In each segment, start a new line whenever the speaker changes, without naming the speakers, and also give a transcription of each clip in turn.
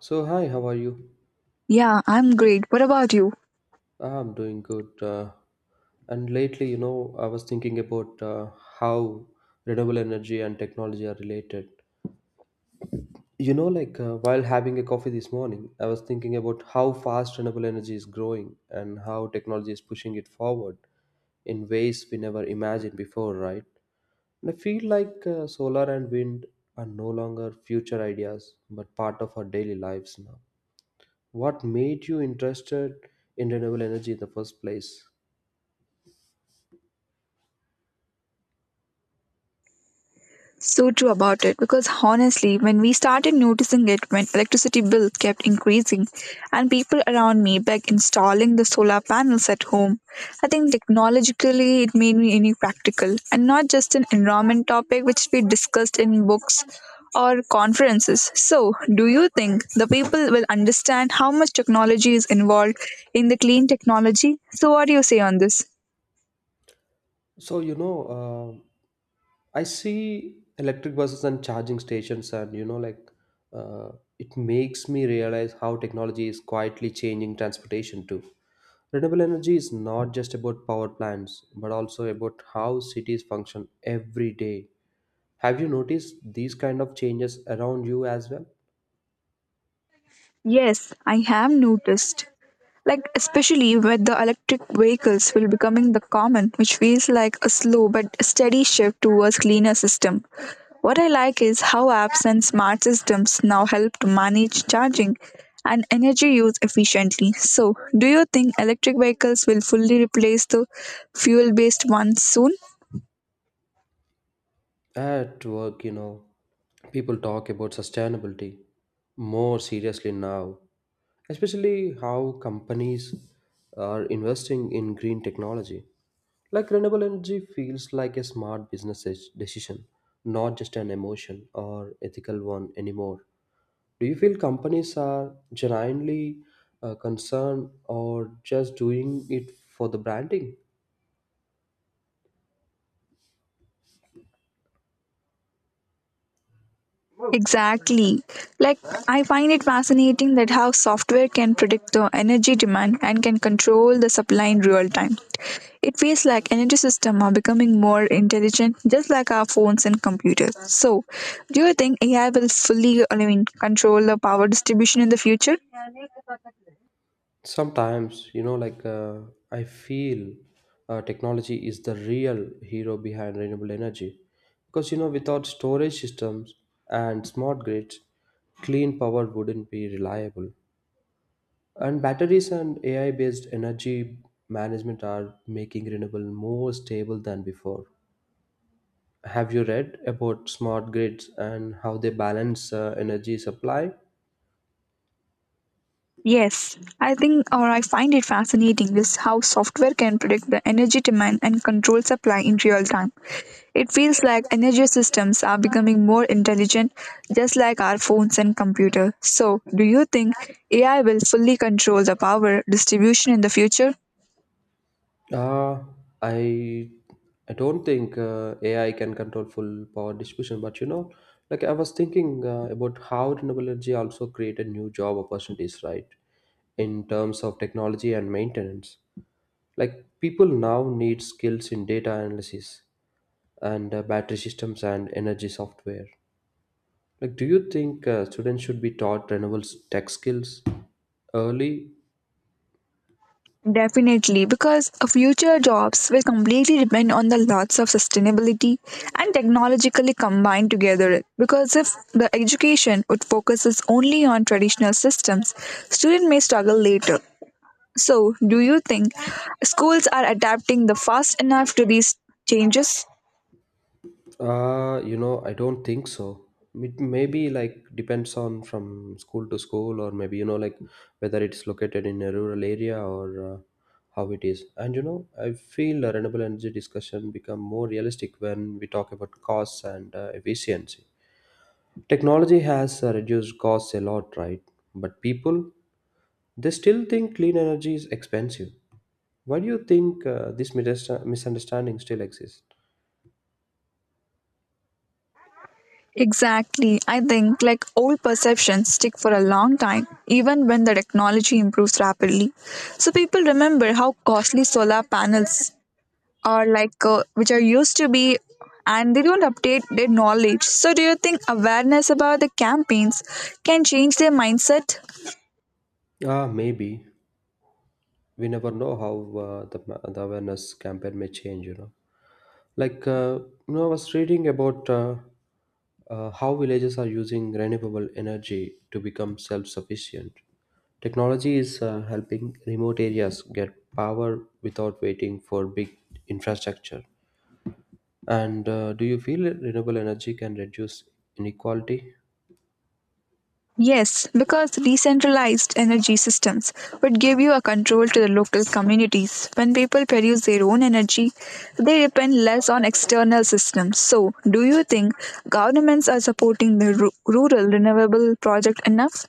So, hi, how are you?
Yeah, I'm great. What about you?
I'm doing good. And lately, I was thinking about how renewable energy and technology are related. You know, while having a coffee this morning, I was thinking about how fast renewable energy is growing and how technology is pushing it forward in ways we never imagined before, right? And I feel like solar and wind are no longer future ideas, but part of our daily lives now. What made you interested in renewable energy in the first place?
So true about it because honestly, when we started noticing it when electricity bill kept increasing and people around me begged installing the solar panels at home, I think technologically it made me any practical and not just an environment topic which we discussed in books or conferences. So, do you think the people will understand how much technology is involved in the clean technology? So, what do you say on this?
So, you know, I see electric buses and charging stations, and you know, uh, it makes me realize how technology is quietly changing transportation too. Renewable energy is not just about power plants, but also about how cities function every day. Have you noticed these kind of changes around you as well?
Yes, I have noticed. Like especially with the electric vehicles will becoming the common, which feels like a slow but steady shift towards cleaner system. What I like is how apps and smart systems now help to manage charging and energy use efficiently. So, do you think electric vehicles will fully replace the fuel based ones soon?
At work, you know, people talk about sustainability more seriously now, especially how companies are investing in green technology. Like renewable energy feels like a smart decision, not just an emotion or ethical one anymore. Do you feel companies are genuinely concerned or just doing it for the branding?
Exactly. Like, I find it fascinating that how software can predict the energy demand and can control the supply in real time. It feels like energy systems are becoming more intelligent, just like our phones and computers. So, do you think AI will fully control the power distribution in the future?
Sometimes, you know, I feel technology is the real hero behind renewable energy. Because, you know, without storage systems and smart grids, clean power wouldn't be reliable. And batteries and AI based energy management are making renewable more stable than before. Have you read about smart grids and how they balance energy supply?
Yes, I think or I find it fascinating is how software can predict the energy demand and control supply in real time. It feels like energy systems are becoming more intelligent, just like our phones and computers. So, do you think AI will fully control the power distribution in the future?
Uh, I I don't think AI can control full power distribution, but you know, like I was thinking about how renewable energy also created new job opportunities, right? In terms of technology and maintenance, like people now need skills in data analysis and battery systems and energy software. Like, do you think students should be taught renewables tech skills early.
Definitely, because future jobs will completely depend on the lots of sustainability and technologically combined together. Because if the education would focuses only on traditional systems, students may struggle later. So, do you think schools are adapting the fast enough to these changes?
You know, I don't think so. It maybe like depends on from school to school, or maybe you know, like whether it's located in a rural area or how it is. And you know, I feel the renewable energy discussion become more realistic when we talk about costs and efficiency. Technology has reduced costs a lot, right? But people they still think clean energy is expensive. Why do you think this misunderstanding still exists?
Exactly. I think like old perceptions stick for a long time, even when the technology improves rapidly. So people remember how costly solar panels or like which are used to be and they don't update their knowledge. So, do you think awareness about the campaigns can change their mindset?
Ah, maybe. We never know how the awareness campaign may change. You know, like uh, I was reading about how villages are using renewable energy to become self-sufficient. Technology is helping remote areas get power without waiting for big infrastructure. And Do you feel renewable energy can reduce inequality?
Yes, because decentralized energy systems would give you a control to the local communities. When people produce their own energy, they depend less on external systems. So, do you think governments are supporting the rural renewable project enough?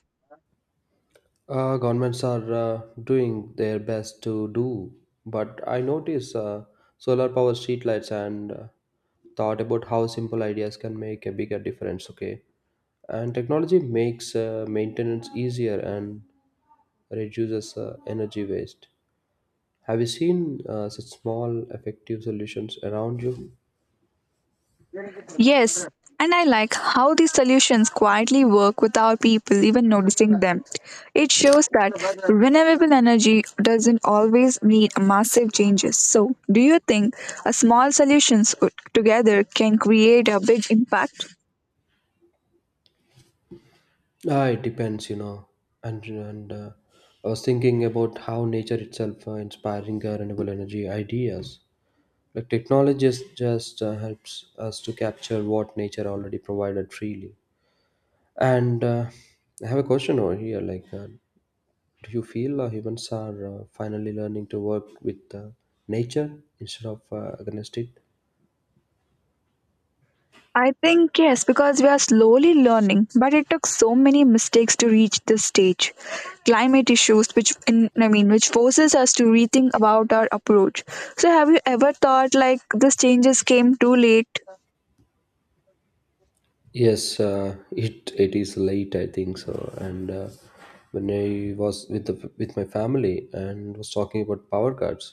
Governments are doing their best to do, but I notice solar power streetlights and thought about how simple ideas can make a bigger difference. Okay, and technology makes maintenance easier and reduces energy waste. Have you seen such small effective solutions around you?
Yes, and I like how these solutions quietly work without people even noticing them. It shows that renewable energy doesn't always need massive changes. So, do you think a small solutions together can create a big impact?
Ah, it depends, you know. And I was thinking about how nature itself inspiring renewable energy ideas. The technologist just helps us to capture what nature already provided freely. And I have a question over here. Like, do you feel humans are finally learning to work with nature instead of against it?
I think yes, because we are slowly learning, but it took so many mistakes to reach this stage. Climate issues, which in, I mean, which forces us to rethink about our approach. So, have you ever thought like these changes came too late?
Yes, it is late, I think so. And When I was with with my family and was talking about power cards,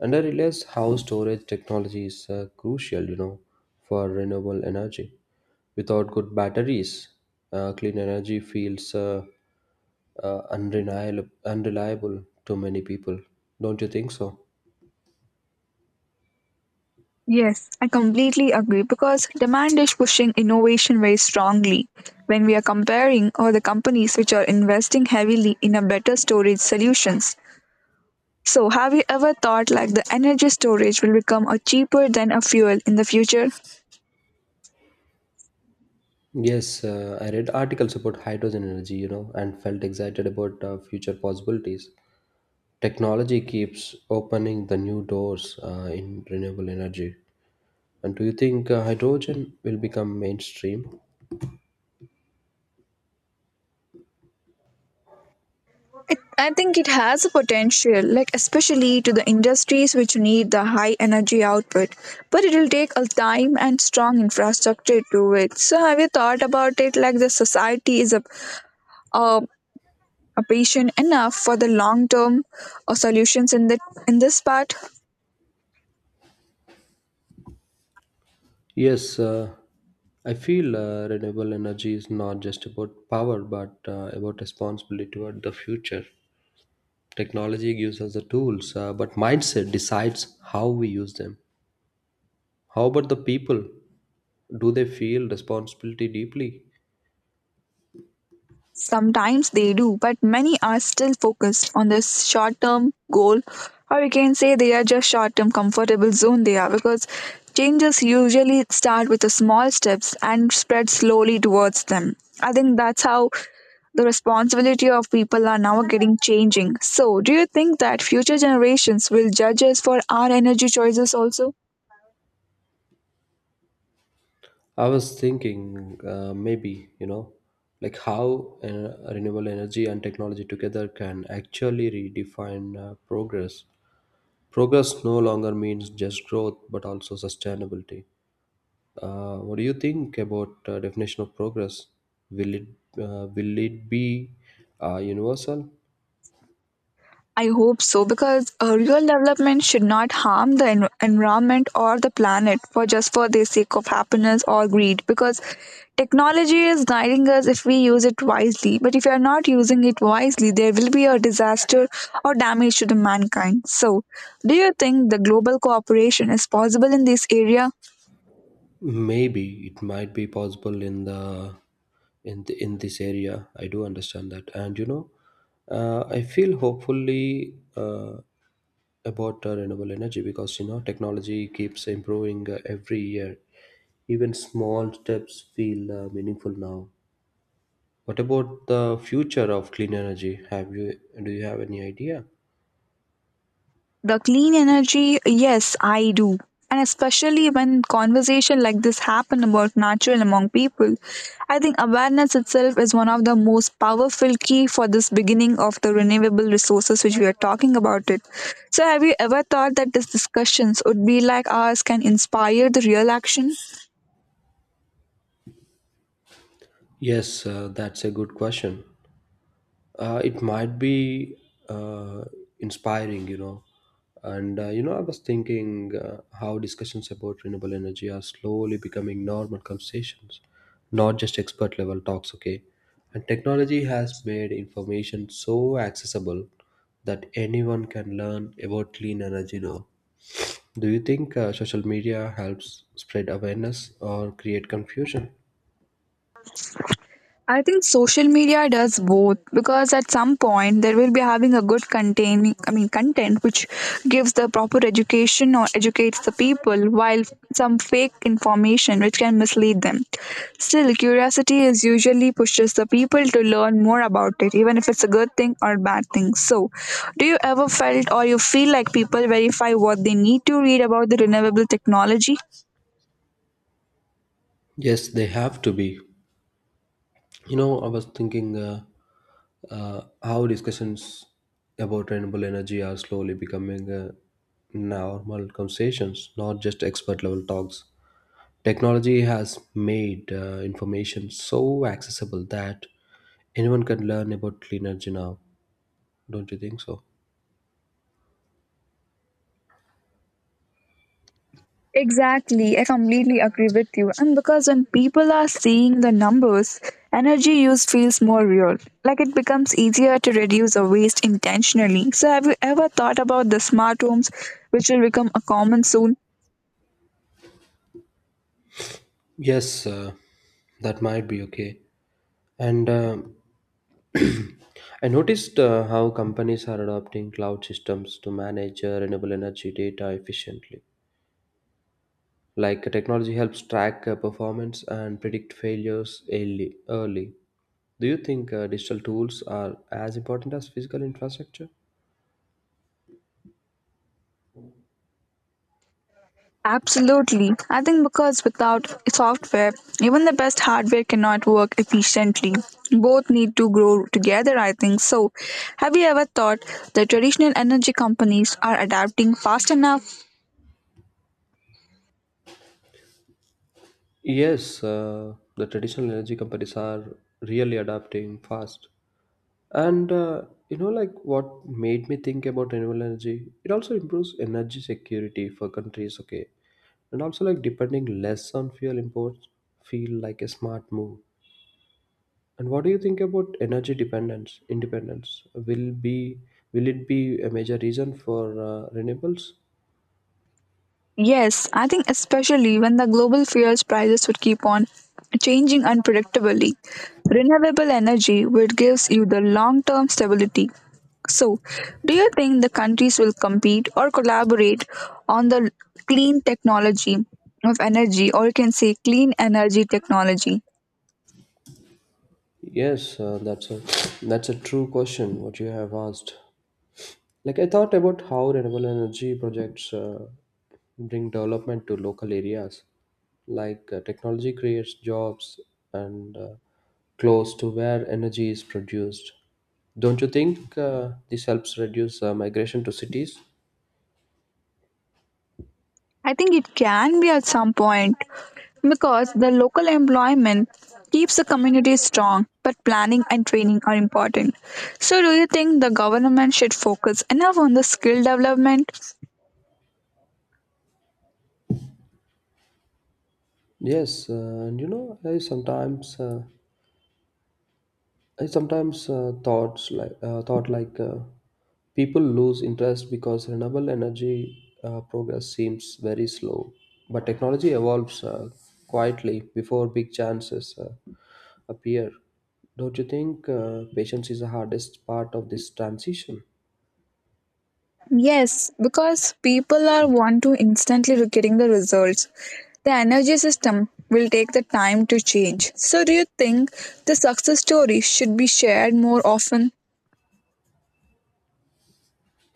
and I realized how storage technology is crucial, you know, for renewable energy. Without good batteries, clean energy feels unreliable to many people. Don't you think so?
Yes, I completely agree because demand is pushing innovation very strongly. When we are comparing all the companies which are investing heavily in a better storage solutions. So, have you ever thought like the energy storage will become a cheaper than a fuel in the future?
Yes, I read articles about hydrogen energy, you know, and felt excited about future possibilities. Technology keeps opening the new doors in renewable energy. And do you think hydrogen will become mainstream?
I think it has a potential, like especially to the industries which need the high energy output, but it'll take a time and strong infrastructure to it. So have you thought about it like the society is a, a patient enough for the long term solutions in the in this part?
Yes, I feel renewable energy is not just about power, but about responsibility toward the future. Technology gives us the tools, but mindset decides how we use them. How about the people? Do they feel responsibility deeply?
Sometimes they do, but many are still focused on their short term goal, or you can say they are just short term comfortable zone they are because changes usually start with the small steps and spread slowly towards them. I think that's how the responsibility of people are now getting changing. So, do you think that future generations will judge us for our energy choices also?
I was thinking maybe, you know, like how renewable energy and technology together can actually redefine progress. Progress no longer means just growth, but also sustainability. What do you think about definition of progress? Will it will it be universal?
I hope so because real development should not harm the environment or the planet for just for the sake of happiness or greed because technology is guiding us if we use it wisely, but if you are not using it wisely there will be a disaster or damage to the mankind. So do you think the global cooperation is possible in this area?
Maybe it might be possible in in this area. I do understand that, and you know, I feel hopefully about renewable energy because you know technology keeps improving every year. Even small steps feel meaningful now. What about the future of clean energy? Have you do you have any idea?
The clean energy, yes, I do. And especially when conversation like this happen about natural among people, I think awareness itself is one of the most powerful key for this beginning of the renewable resources which we are talking about it. So have you ever thought that these discussions would be like ours can inspire the real action?
Yes, that's a good question. It might be uh, inspiring, you know. I was thinking how discussions about renewable energy are slowly becoming normal conversations, not just expert level talks. Okay, and technology has made information so accessible that anyone can learn about clean energy now. Do you think social media helps spread awareness or create confusion?
I think social media does both because at some point there will be having a good containing content which gives the proper education or educates the people while some fake information which can mislead them. Still curiosity is usually pushes the people to learn more about it even if it's a good thing or bad thing. So do you ever felt or you feel like people verify what they need to read about the renewable technology?
Yes, they have to be. You know, I was thinking. How discussions about renewable energy are slowly becoming normal conversations, not just expert level talks. Technology has made information so accessible that anyone can learn about clean energy now. Don't you think so?
Exactly, I completely agree with you. And because when people are seeing the numbers, energy use feels more real. Like it becomes easier to reduce the waste intentionally. So, have you ever thought about the smart homes, which will become a common soon?
Yes, that might be okay. And I noticed how companies are adopting cloud systems to manage renewable energy data efficiently. Like technology helps track performance and predict failures early. Do you think digital tools are as important as physical infrastructure?
Absolutely. I think because without software, even the best hardware cannot work efficiently. Both need to grow together, I think. So, have you ever thought that traditional energy companies are adapting fast enough?
Yes, the traditional energy companies are really adapting fast. And You know, like what made me think about renewable energy? It also improves energy security for countries, okay? And also, like depending less on fuel imports, feel like a smart move. And what do you think about energy dependence? Independence will be will it be a major reason for renewables?
Yes, I think especially when the global fuels prices would keep on changing unpredictably. Renewable energy would gives you the long-term stability. So, do you think the countries will compete or collaborate on the clean technology of energy or you can say clean energy technology?
Yes, that's a true question. What you have asked. Like I thought about how renewable energy projects bring development to local areas. Like technology creates jobs and close to where energy is produced. Don't you think this helps reduce migration to cities?
I think it can be at some point because the local employment keeps the community strong, but planning and training are important. So, do you think the government should focus enough on the skill development?
Yes, and you know, I sometimes thought like people lose interest because renewable energy progress seems very slow, but technology evolves quietly before big chances appear. Don't you think patience is the hardest part of this transition?
Yes, because people are want to instantly getting the results. The energy system will take the time to change. So, do you think the success story should be shared more often?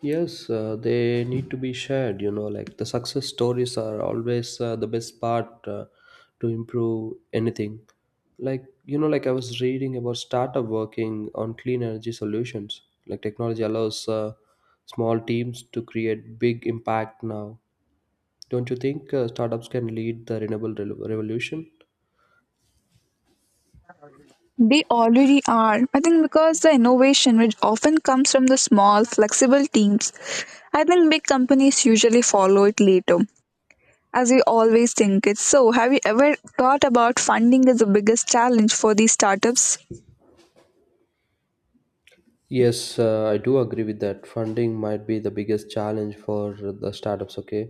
Yes, they need to be shared. You know, like the success stories are always the best part to improve anything. Like, you know, like I was reading about startup working on clean energy solutions. Like, technology allows small teams to create big impact now. Don't you think startups can lead the revolution?
They already are. I think because the innovation, which often comes from the small, flexible teams, I think big companies usually follow it later, as we always think it. So, have you ever thought about funding as the biggest challenge for these startups?
Yes, I do agree with that. Funding might be the biggest challenge for the startups, okay?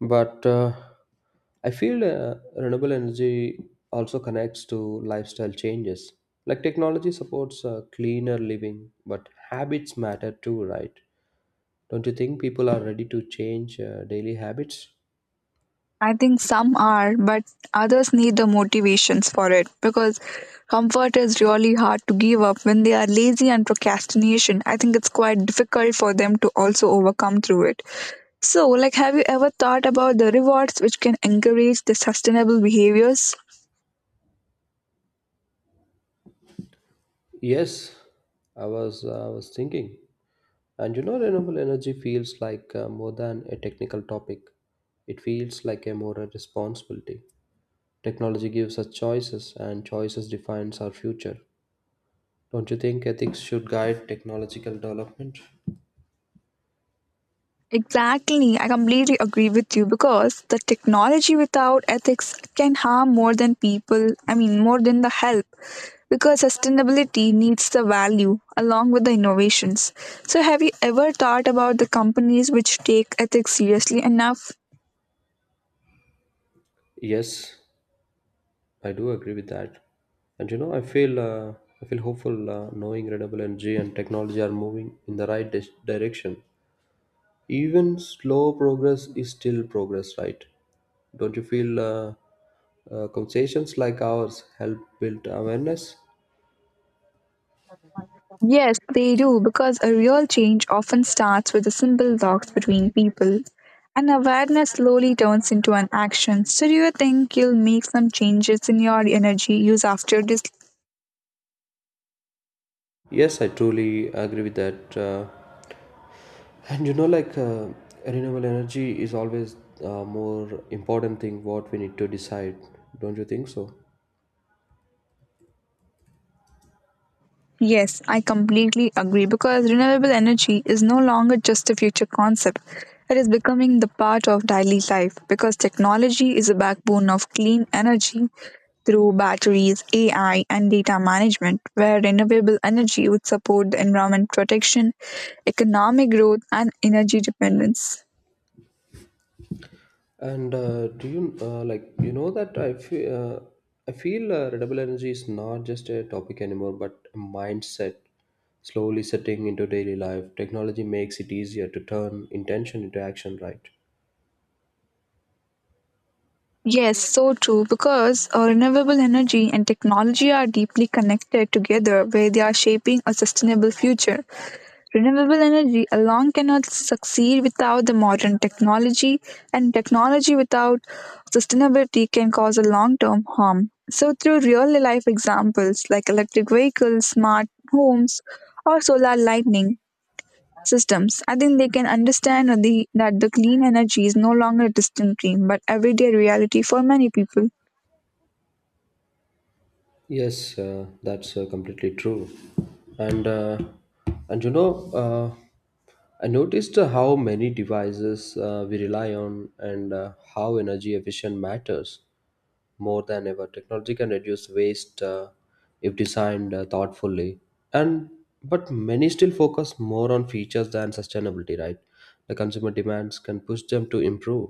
But I feel renewable energy also connects to lifestyle changes. Like technology supports cleaner living, but habits matter too, right? Don't you think people are ready to change daily habits?
I think some are, but others need the motivations for it because comfort is really hard to give up when they are lazy and procrastination. I think it's quite difficult for them to also overcome through it. So, like, have you ever thought about the rewards which can encourage the sustainable behaviors?
Yes, I was thinking, and you know, renewable energy feels like more than a technical topic. It feels like a moral responsibility. Technology gives us choices, and choices defines our future. Don't you think ethics should guide technological development?
Exactly, I completely agree with you because the technology without ethics can harm more than people, more than the help. Because sustainability needs the value along with the innovations. So, have you ever thought about the companies which take ethics seriously enough?
Yes, I do agree with that. And you know, I feel hopeful knowing renewable energy and technology are moving in the right direction. Even slow progress is still progress, right? Don't you feel conversations like ours help build awareness?
Yes, they do because a real change often starts with the simple talks between people. And awareness slowly turns into an action. So, do you think you'll make some changes in your energy use after this?
Yes, I truly agree with that. And you know, renewable energy is always more important thing what we need to decide. Don't you think so?
Yes, I completely agree because renewable energy is no longer just a future concept. It is becoming the part of daily life because technology is a backbone of clean energy through batteries, AI, and data management, where renewable energy would support the environment protection, economic growth, and energy dependence.
And do you like you know that I feel renewable energy is not just a topic anymore, but a mindset slowly setting into daily life. Technology makes it easier to turn intention into action, right?
Yes, so true, because renewable energy and technology are deeply connected together where they are shaping a sustainable future. Renewable energy alone cannot succeed without the modern technology, and technology without sustainability can cause a long term harm. So, through real life examples like electric vehicles, smart homes, or solar lightning systems, I think they can understand that the clean energy is no longer a distant dream but everyday reality for many people.
Yes, that's completely true. And uh, and you know, I noticed how many devices we rely on and how energy efficient matters more than ever. Technology can reduce waste if designed thoughtfully, and but many still focus more on features than sustainability. Right, the consumer demands can push them to improve.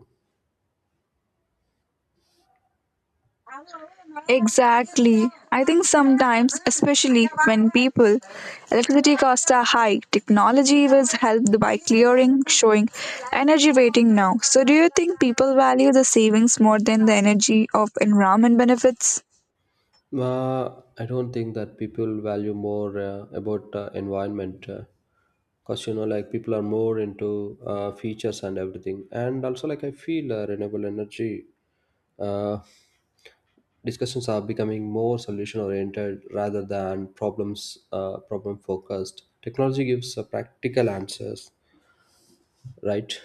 Exactly. I think sometimes, especially when people, electricity costs are high, technology was helped by clearing, showing energy rating now. So, do you think people value the savings more than the energy of environment benefits?
Uh, I don't think that people value more about environment. Because like people are more into features and everything, and also like I feel renewable energy uh, discussions are becoming more solution oriented rather than problem focused. Technology gives practical answers, right?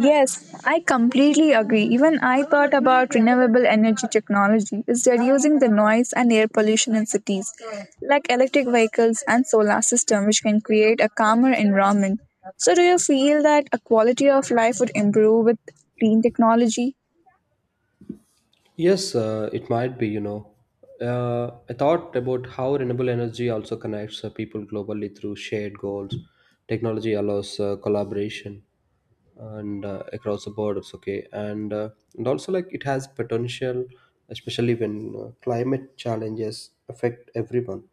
Yes, I completely agree. Even I thought about renewable energy technology is reducing the noise and air pollution in cities, like electric vehicles and solar system, which can create a calmer environment. So, do you feel that a quality of life would improve with clean technology?
Yes, it might be, I thought about how renewable energy also connects people globally through shared goals. Technology allows collaboration and across the borders, okay. And also, like, it has potential, especially when climate challenges affect everyone.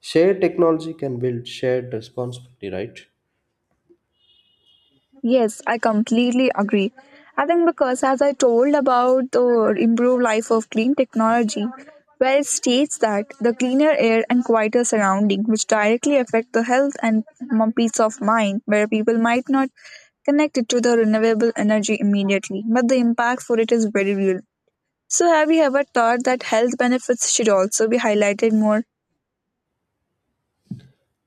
Shared technology can build shared responsibility, right?
Yes, I completely agree. I think because as I told about the improved life of clean technology, where it states that the cleaner air and quieter surrounding, which directly affect the health and peace of mind, where people might not connect it to the renewable energy immediately, but the impact for it is very real. So, have you ever thought that health benefits should also be highlighted more?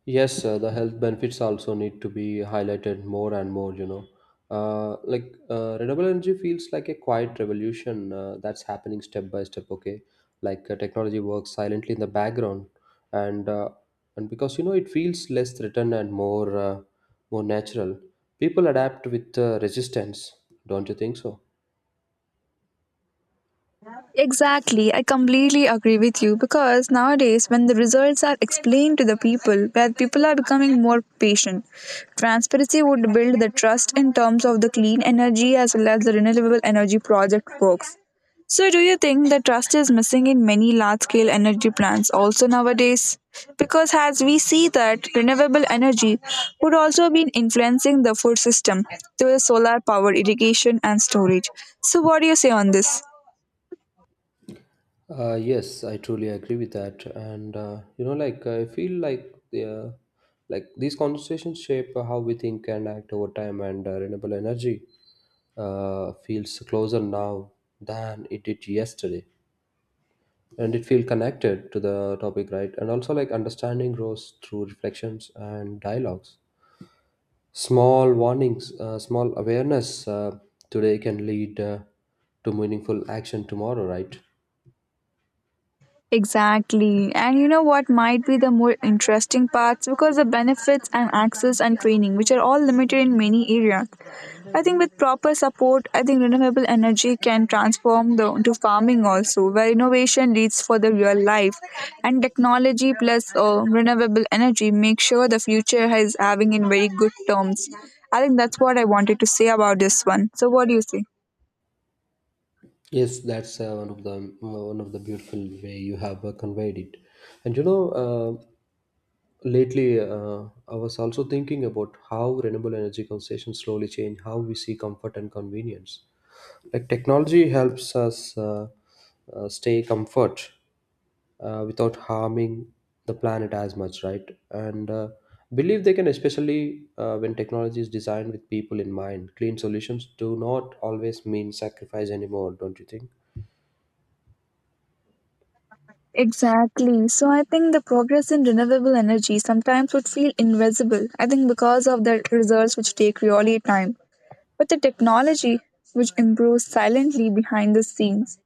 Yes, sir, the health benefits also need to be highlighted more and more, Renewable energy feels like a quiet revolution that's happening step by step, okay? Like technology works silently in the background and uh, and because it feels less threatened and more natural, people adapt with resistance, don't you think so?
Exactly, I completely agree with you because nowadays, when the results are explained to the people, where people are becoming more patient, transparency would build the trust in terms of the clean energy as well as the renewable energy project works. So, do you think the trust is missing in many large scale energy plants also nowadays? Because as we see that renewable energy would also be influencing the food system through solar power irrigation and storage. So, what do you say on this?
Yes, I truly agree with that, and like I feel like the like these conversations shape how we think and act over time, and renewable energy feels closer now than it did yesterday, and it feels connected to the topic, right? And also, like understanding grows through reflections and dialogues. Small warnings, small awareness today can lead to meaningful action tomorrow, right?
Exactly. And you know what might be the more interesting parts because the benefits and access and training, which are all limited in many areas. I think with proper support, I think renewable energy can transform the into farming also, where innovation leads for the real life, and technology plus renewable energy make sure the future is having in very good terms. I think that's what I wanted to say about this one. So what do you say?
Yes, that's one of the beautiful way you have conveyed it. And you know, lately I was also thinking about how renewable energy concessions slowly change how we see comfort and convenience. Like technology helps us stay comfort without harming the planet as much, right? And believe they can, especially when technology is designed with people in mind. Clean solutions do not always mean sacrifice anymore, don't you think?
Exactly. So I think the progress in renewable energy sometimes would feel invisible. I think because of the results which take really time, but the technology which improves silently behind the scenes.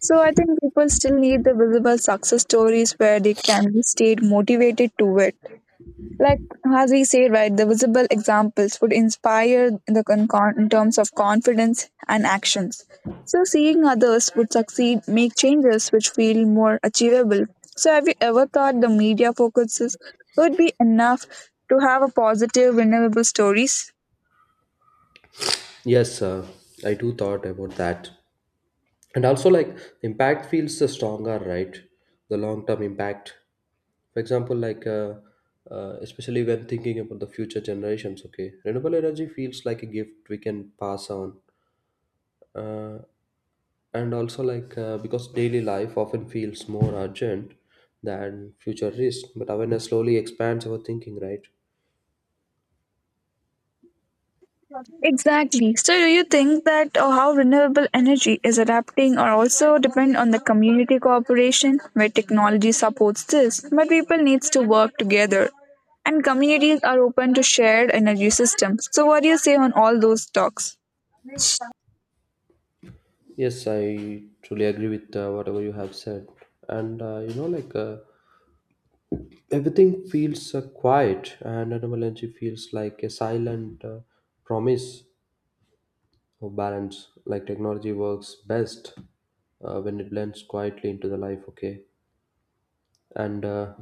So I think people still need the visible success stories where they can be stayed motivated to it, like as we say, right, the visible examples would inspire the in terms of confidence and actions. So seeing others would succeed make changes which feel more achievable. So have you ever thought the media focuses would be enough to have a positive renewable stories?
Yes, I do thought about that. And also like the impact feels stronger, right? The long-term impact. For example, especially when thinking about the future generations, okay? Renewable energy feels like a gift we can pass on. Uh, and also because daily life often feels more urgent than future risk, but awareness slowly expands our thinking, right?
Exactly. So, do you think that how renewable energy is adapting or also depend on the community cooperation where technology supports this, but people needs to work together, and communities are open to shared energy systems? So, what do you say on all those talks?
Yes, I truly agree with whatever you have said. And everything feels quiet, and etymology feels like a silent promise of balance. Like technology works best when it blends quietly into the life. Okay, and uh,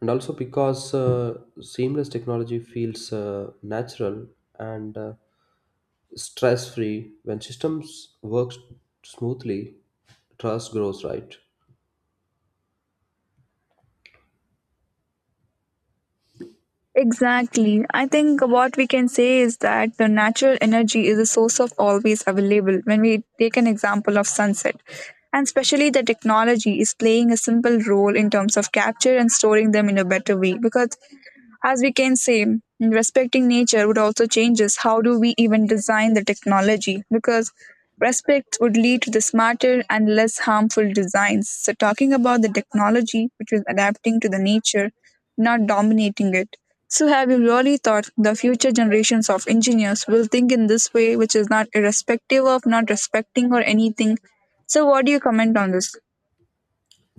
and also because seamless technology feels natural and stress free. When systems work smoothly, trust grows. Right.
Exactly. I think what we can say is that the natural energy is a source of always available. When we take an example of sunset, and especially the technology is playing a simple role in terms of capture and storing them in a better way, because as we can say, respecting nature would also change us. How do we even design the technology? Because respect would lead to the smarter and less harmful designs. So, talking about the technology which is adapting to the nature, not dominating it. So, have you really thought the future generations of engineers will think in this way, which is not irrespective of not respecting or anything? So, what do you comment on this?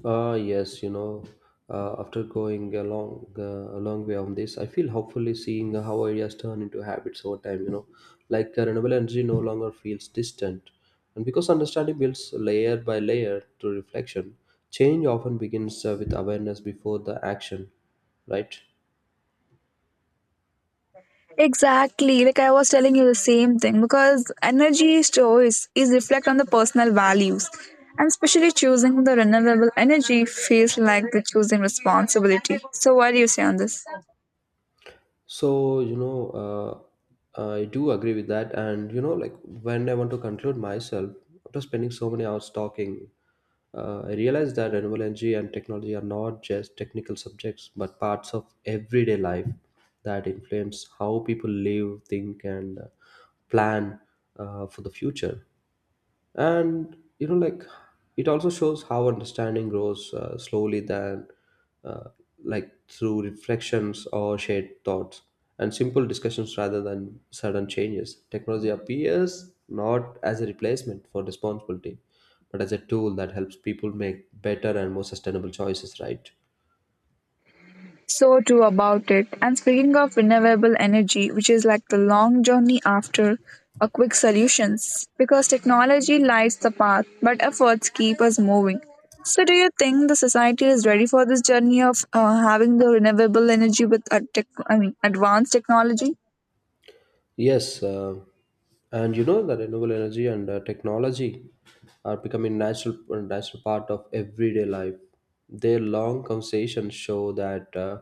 Yes, after going a long way on this, I feel hopefully seeing how ideas turn into habits over time. You know, like renewable energy no longer feels distant, and because understanding builds layer by layer through reflection, change often begins with awareness before the action, right?
Exactly. Like I was telling you the same thing, because energy choice is reflect on the personal values. And especially choosing the renewable energy feels like the choosing responsibility. So what do you say on this?
So, I do agree with that. And, you know, like when I want to conclude myself, after spending so many hours talking, I realized that renewable energy and technology are not just technical subjects, but parts of everyday life that influence how people live, think, and plan for the future. And like it also shows how understanding grows slowly than uh, like through reflections or shared thoughts and simple discussions rather than sudden changes. Technology appears not as a replacement for responsibility, but as a tool that helps people make better and more sustainable choices, right?
So too about it. And speaking of renewable energy, which is like the long journey after a quick solutions, because technology lights the path, but efforts keep us moving. So do you think the society is ready for this journey of having the renewable energy with a tech, I mean, advanced technology?
Yes, and you know that renewable energy and technology are becoming natural part of everyday life. Their long conversations show that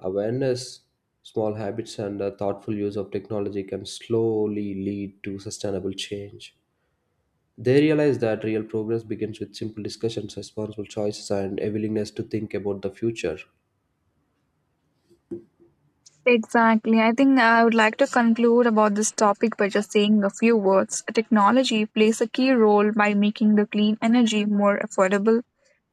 awareness, small habits, and thoughtful use of technology can slowly lead to sustainable change. They realize that real progress begins with simple discussions, responsible choices, and a willingness to think about the future.
Exactly. I think I would like to conclude about this topic by just saying a few words. Technology plays a key role by making the clean energy more affordable,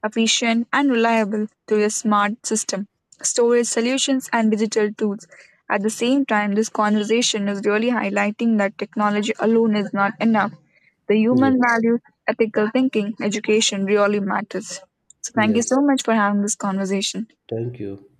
efficient, and reliable through a smart system, storage solutions, and digital tools. At the same time, this conversation is really highlighting that technology alone is not enough. The human
Yes,
values, ethical thinking, education really matters. So, thank you
yes.
so much for having this conversation.
Thank you.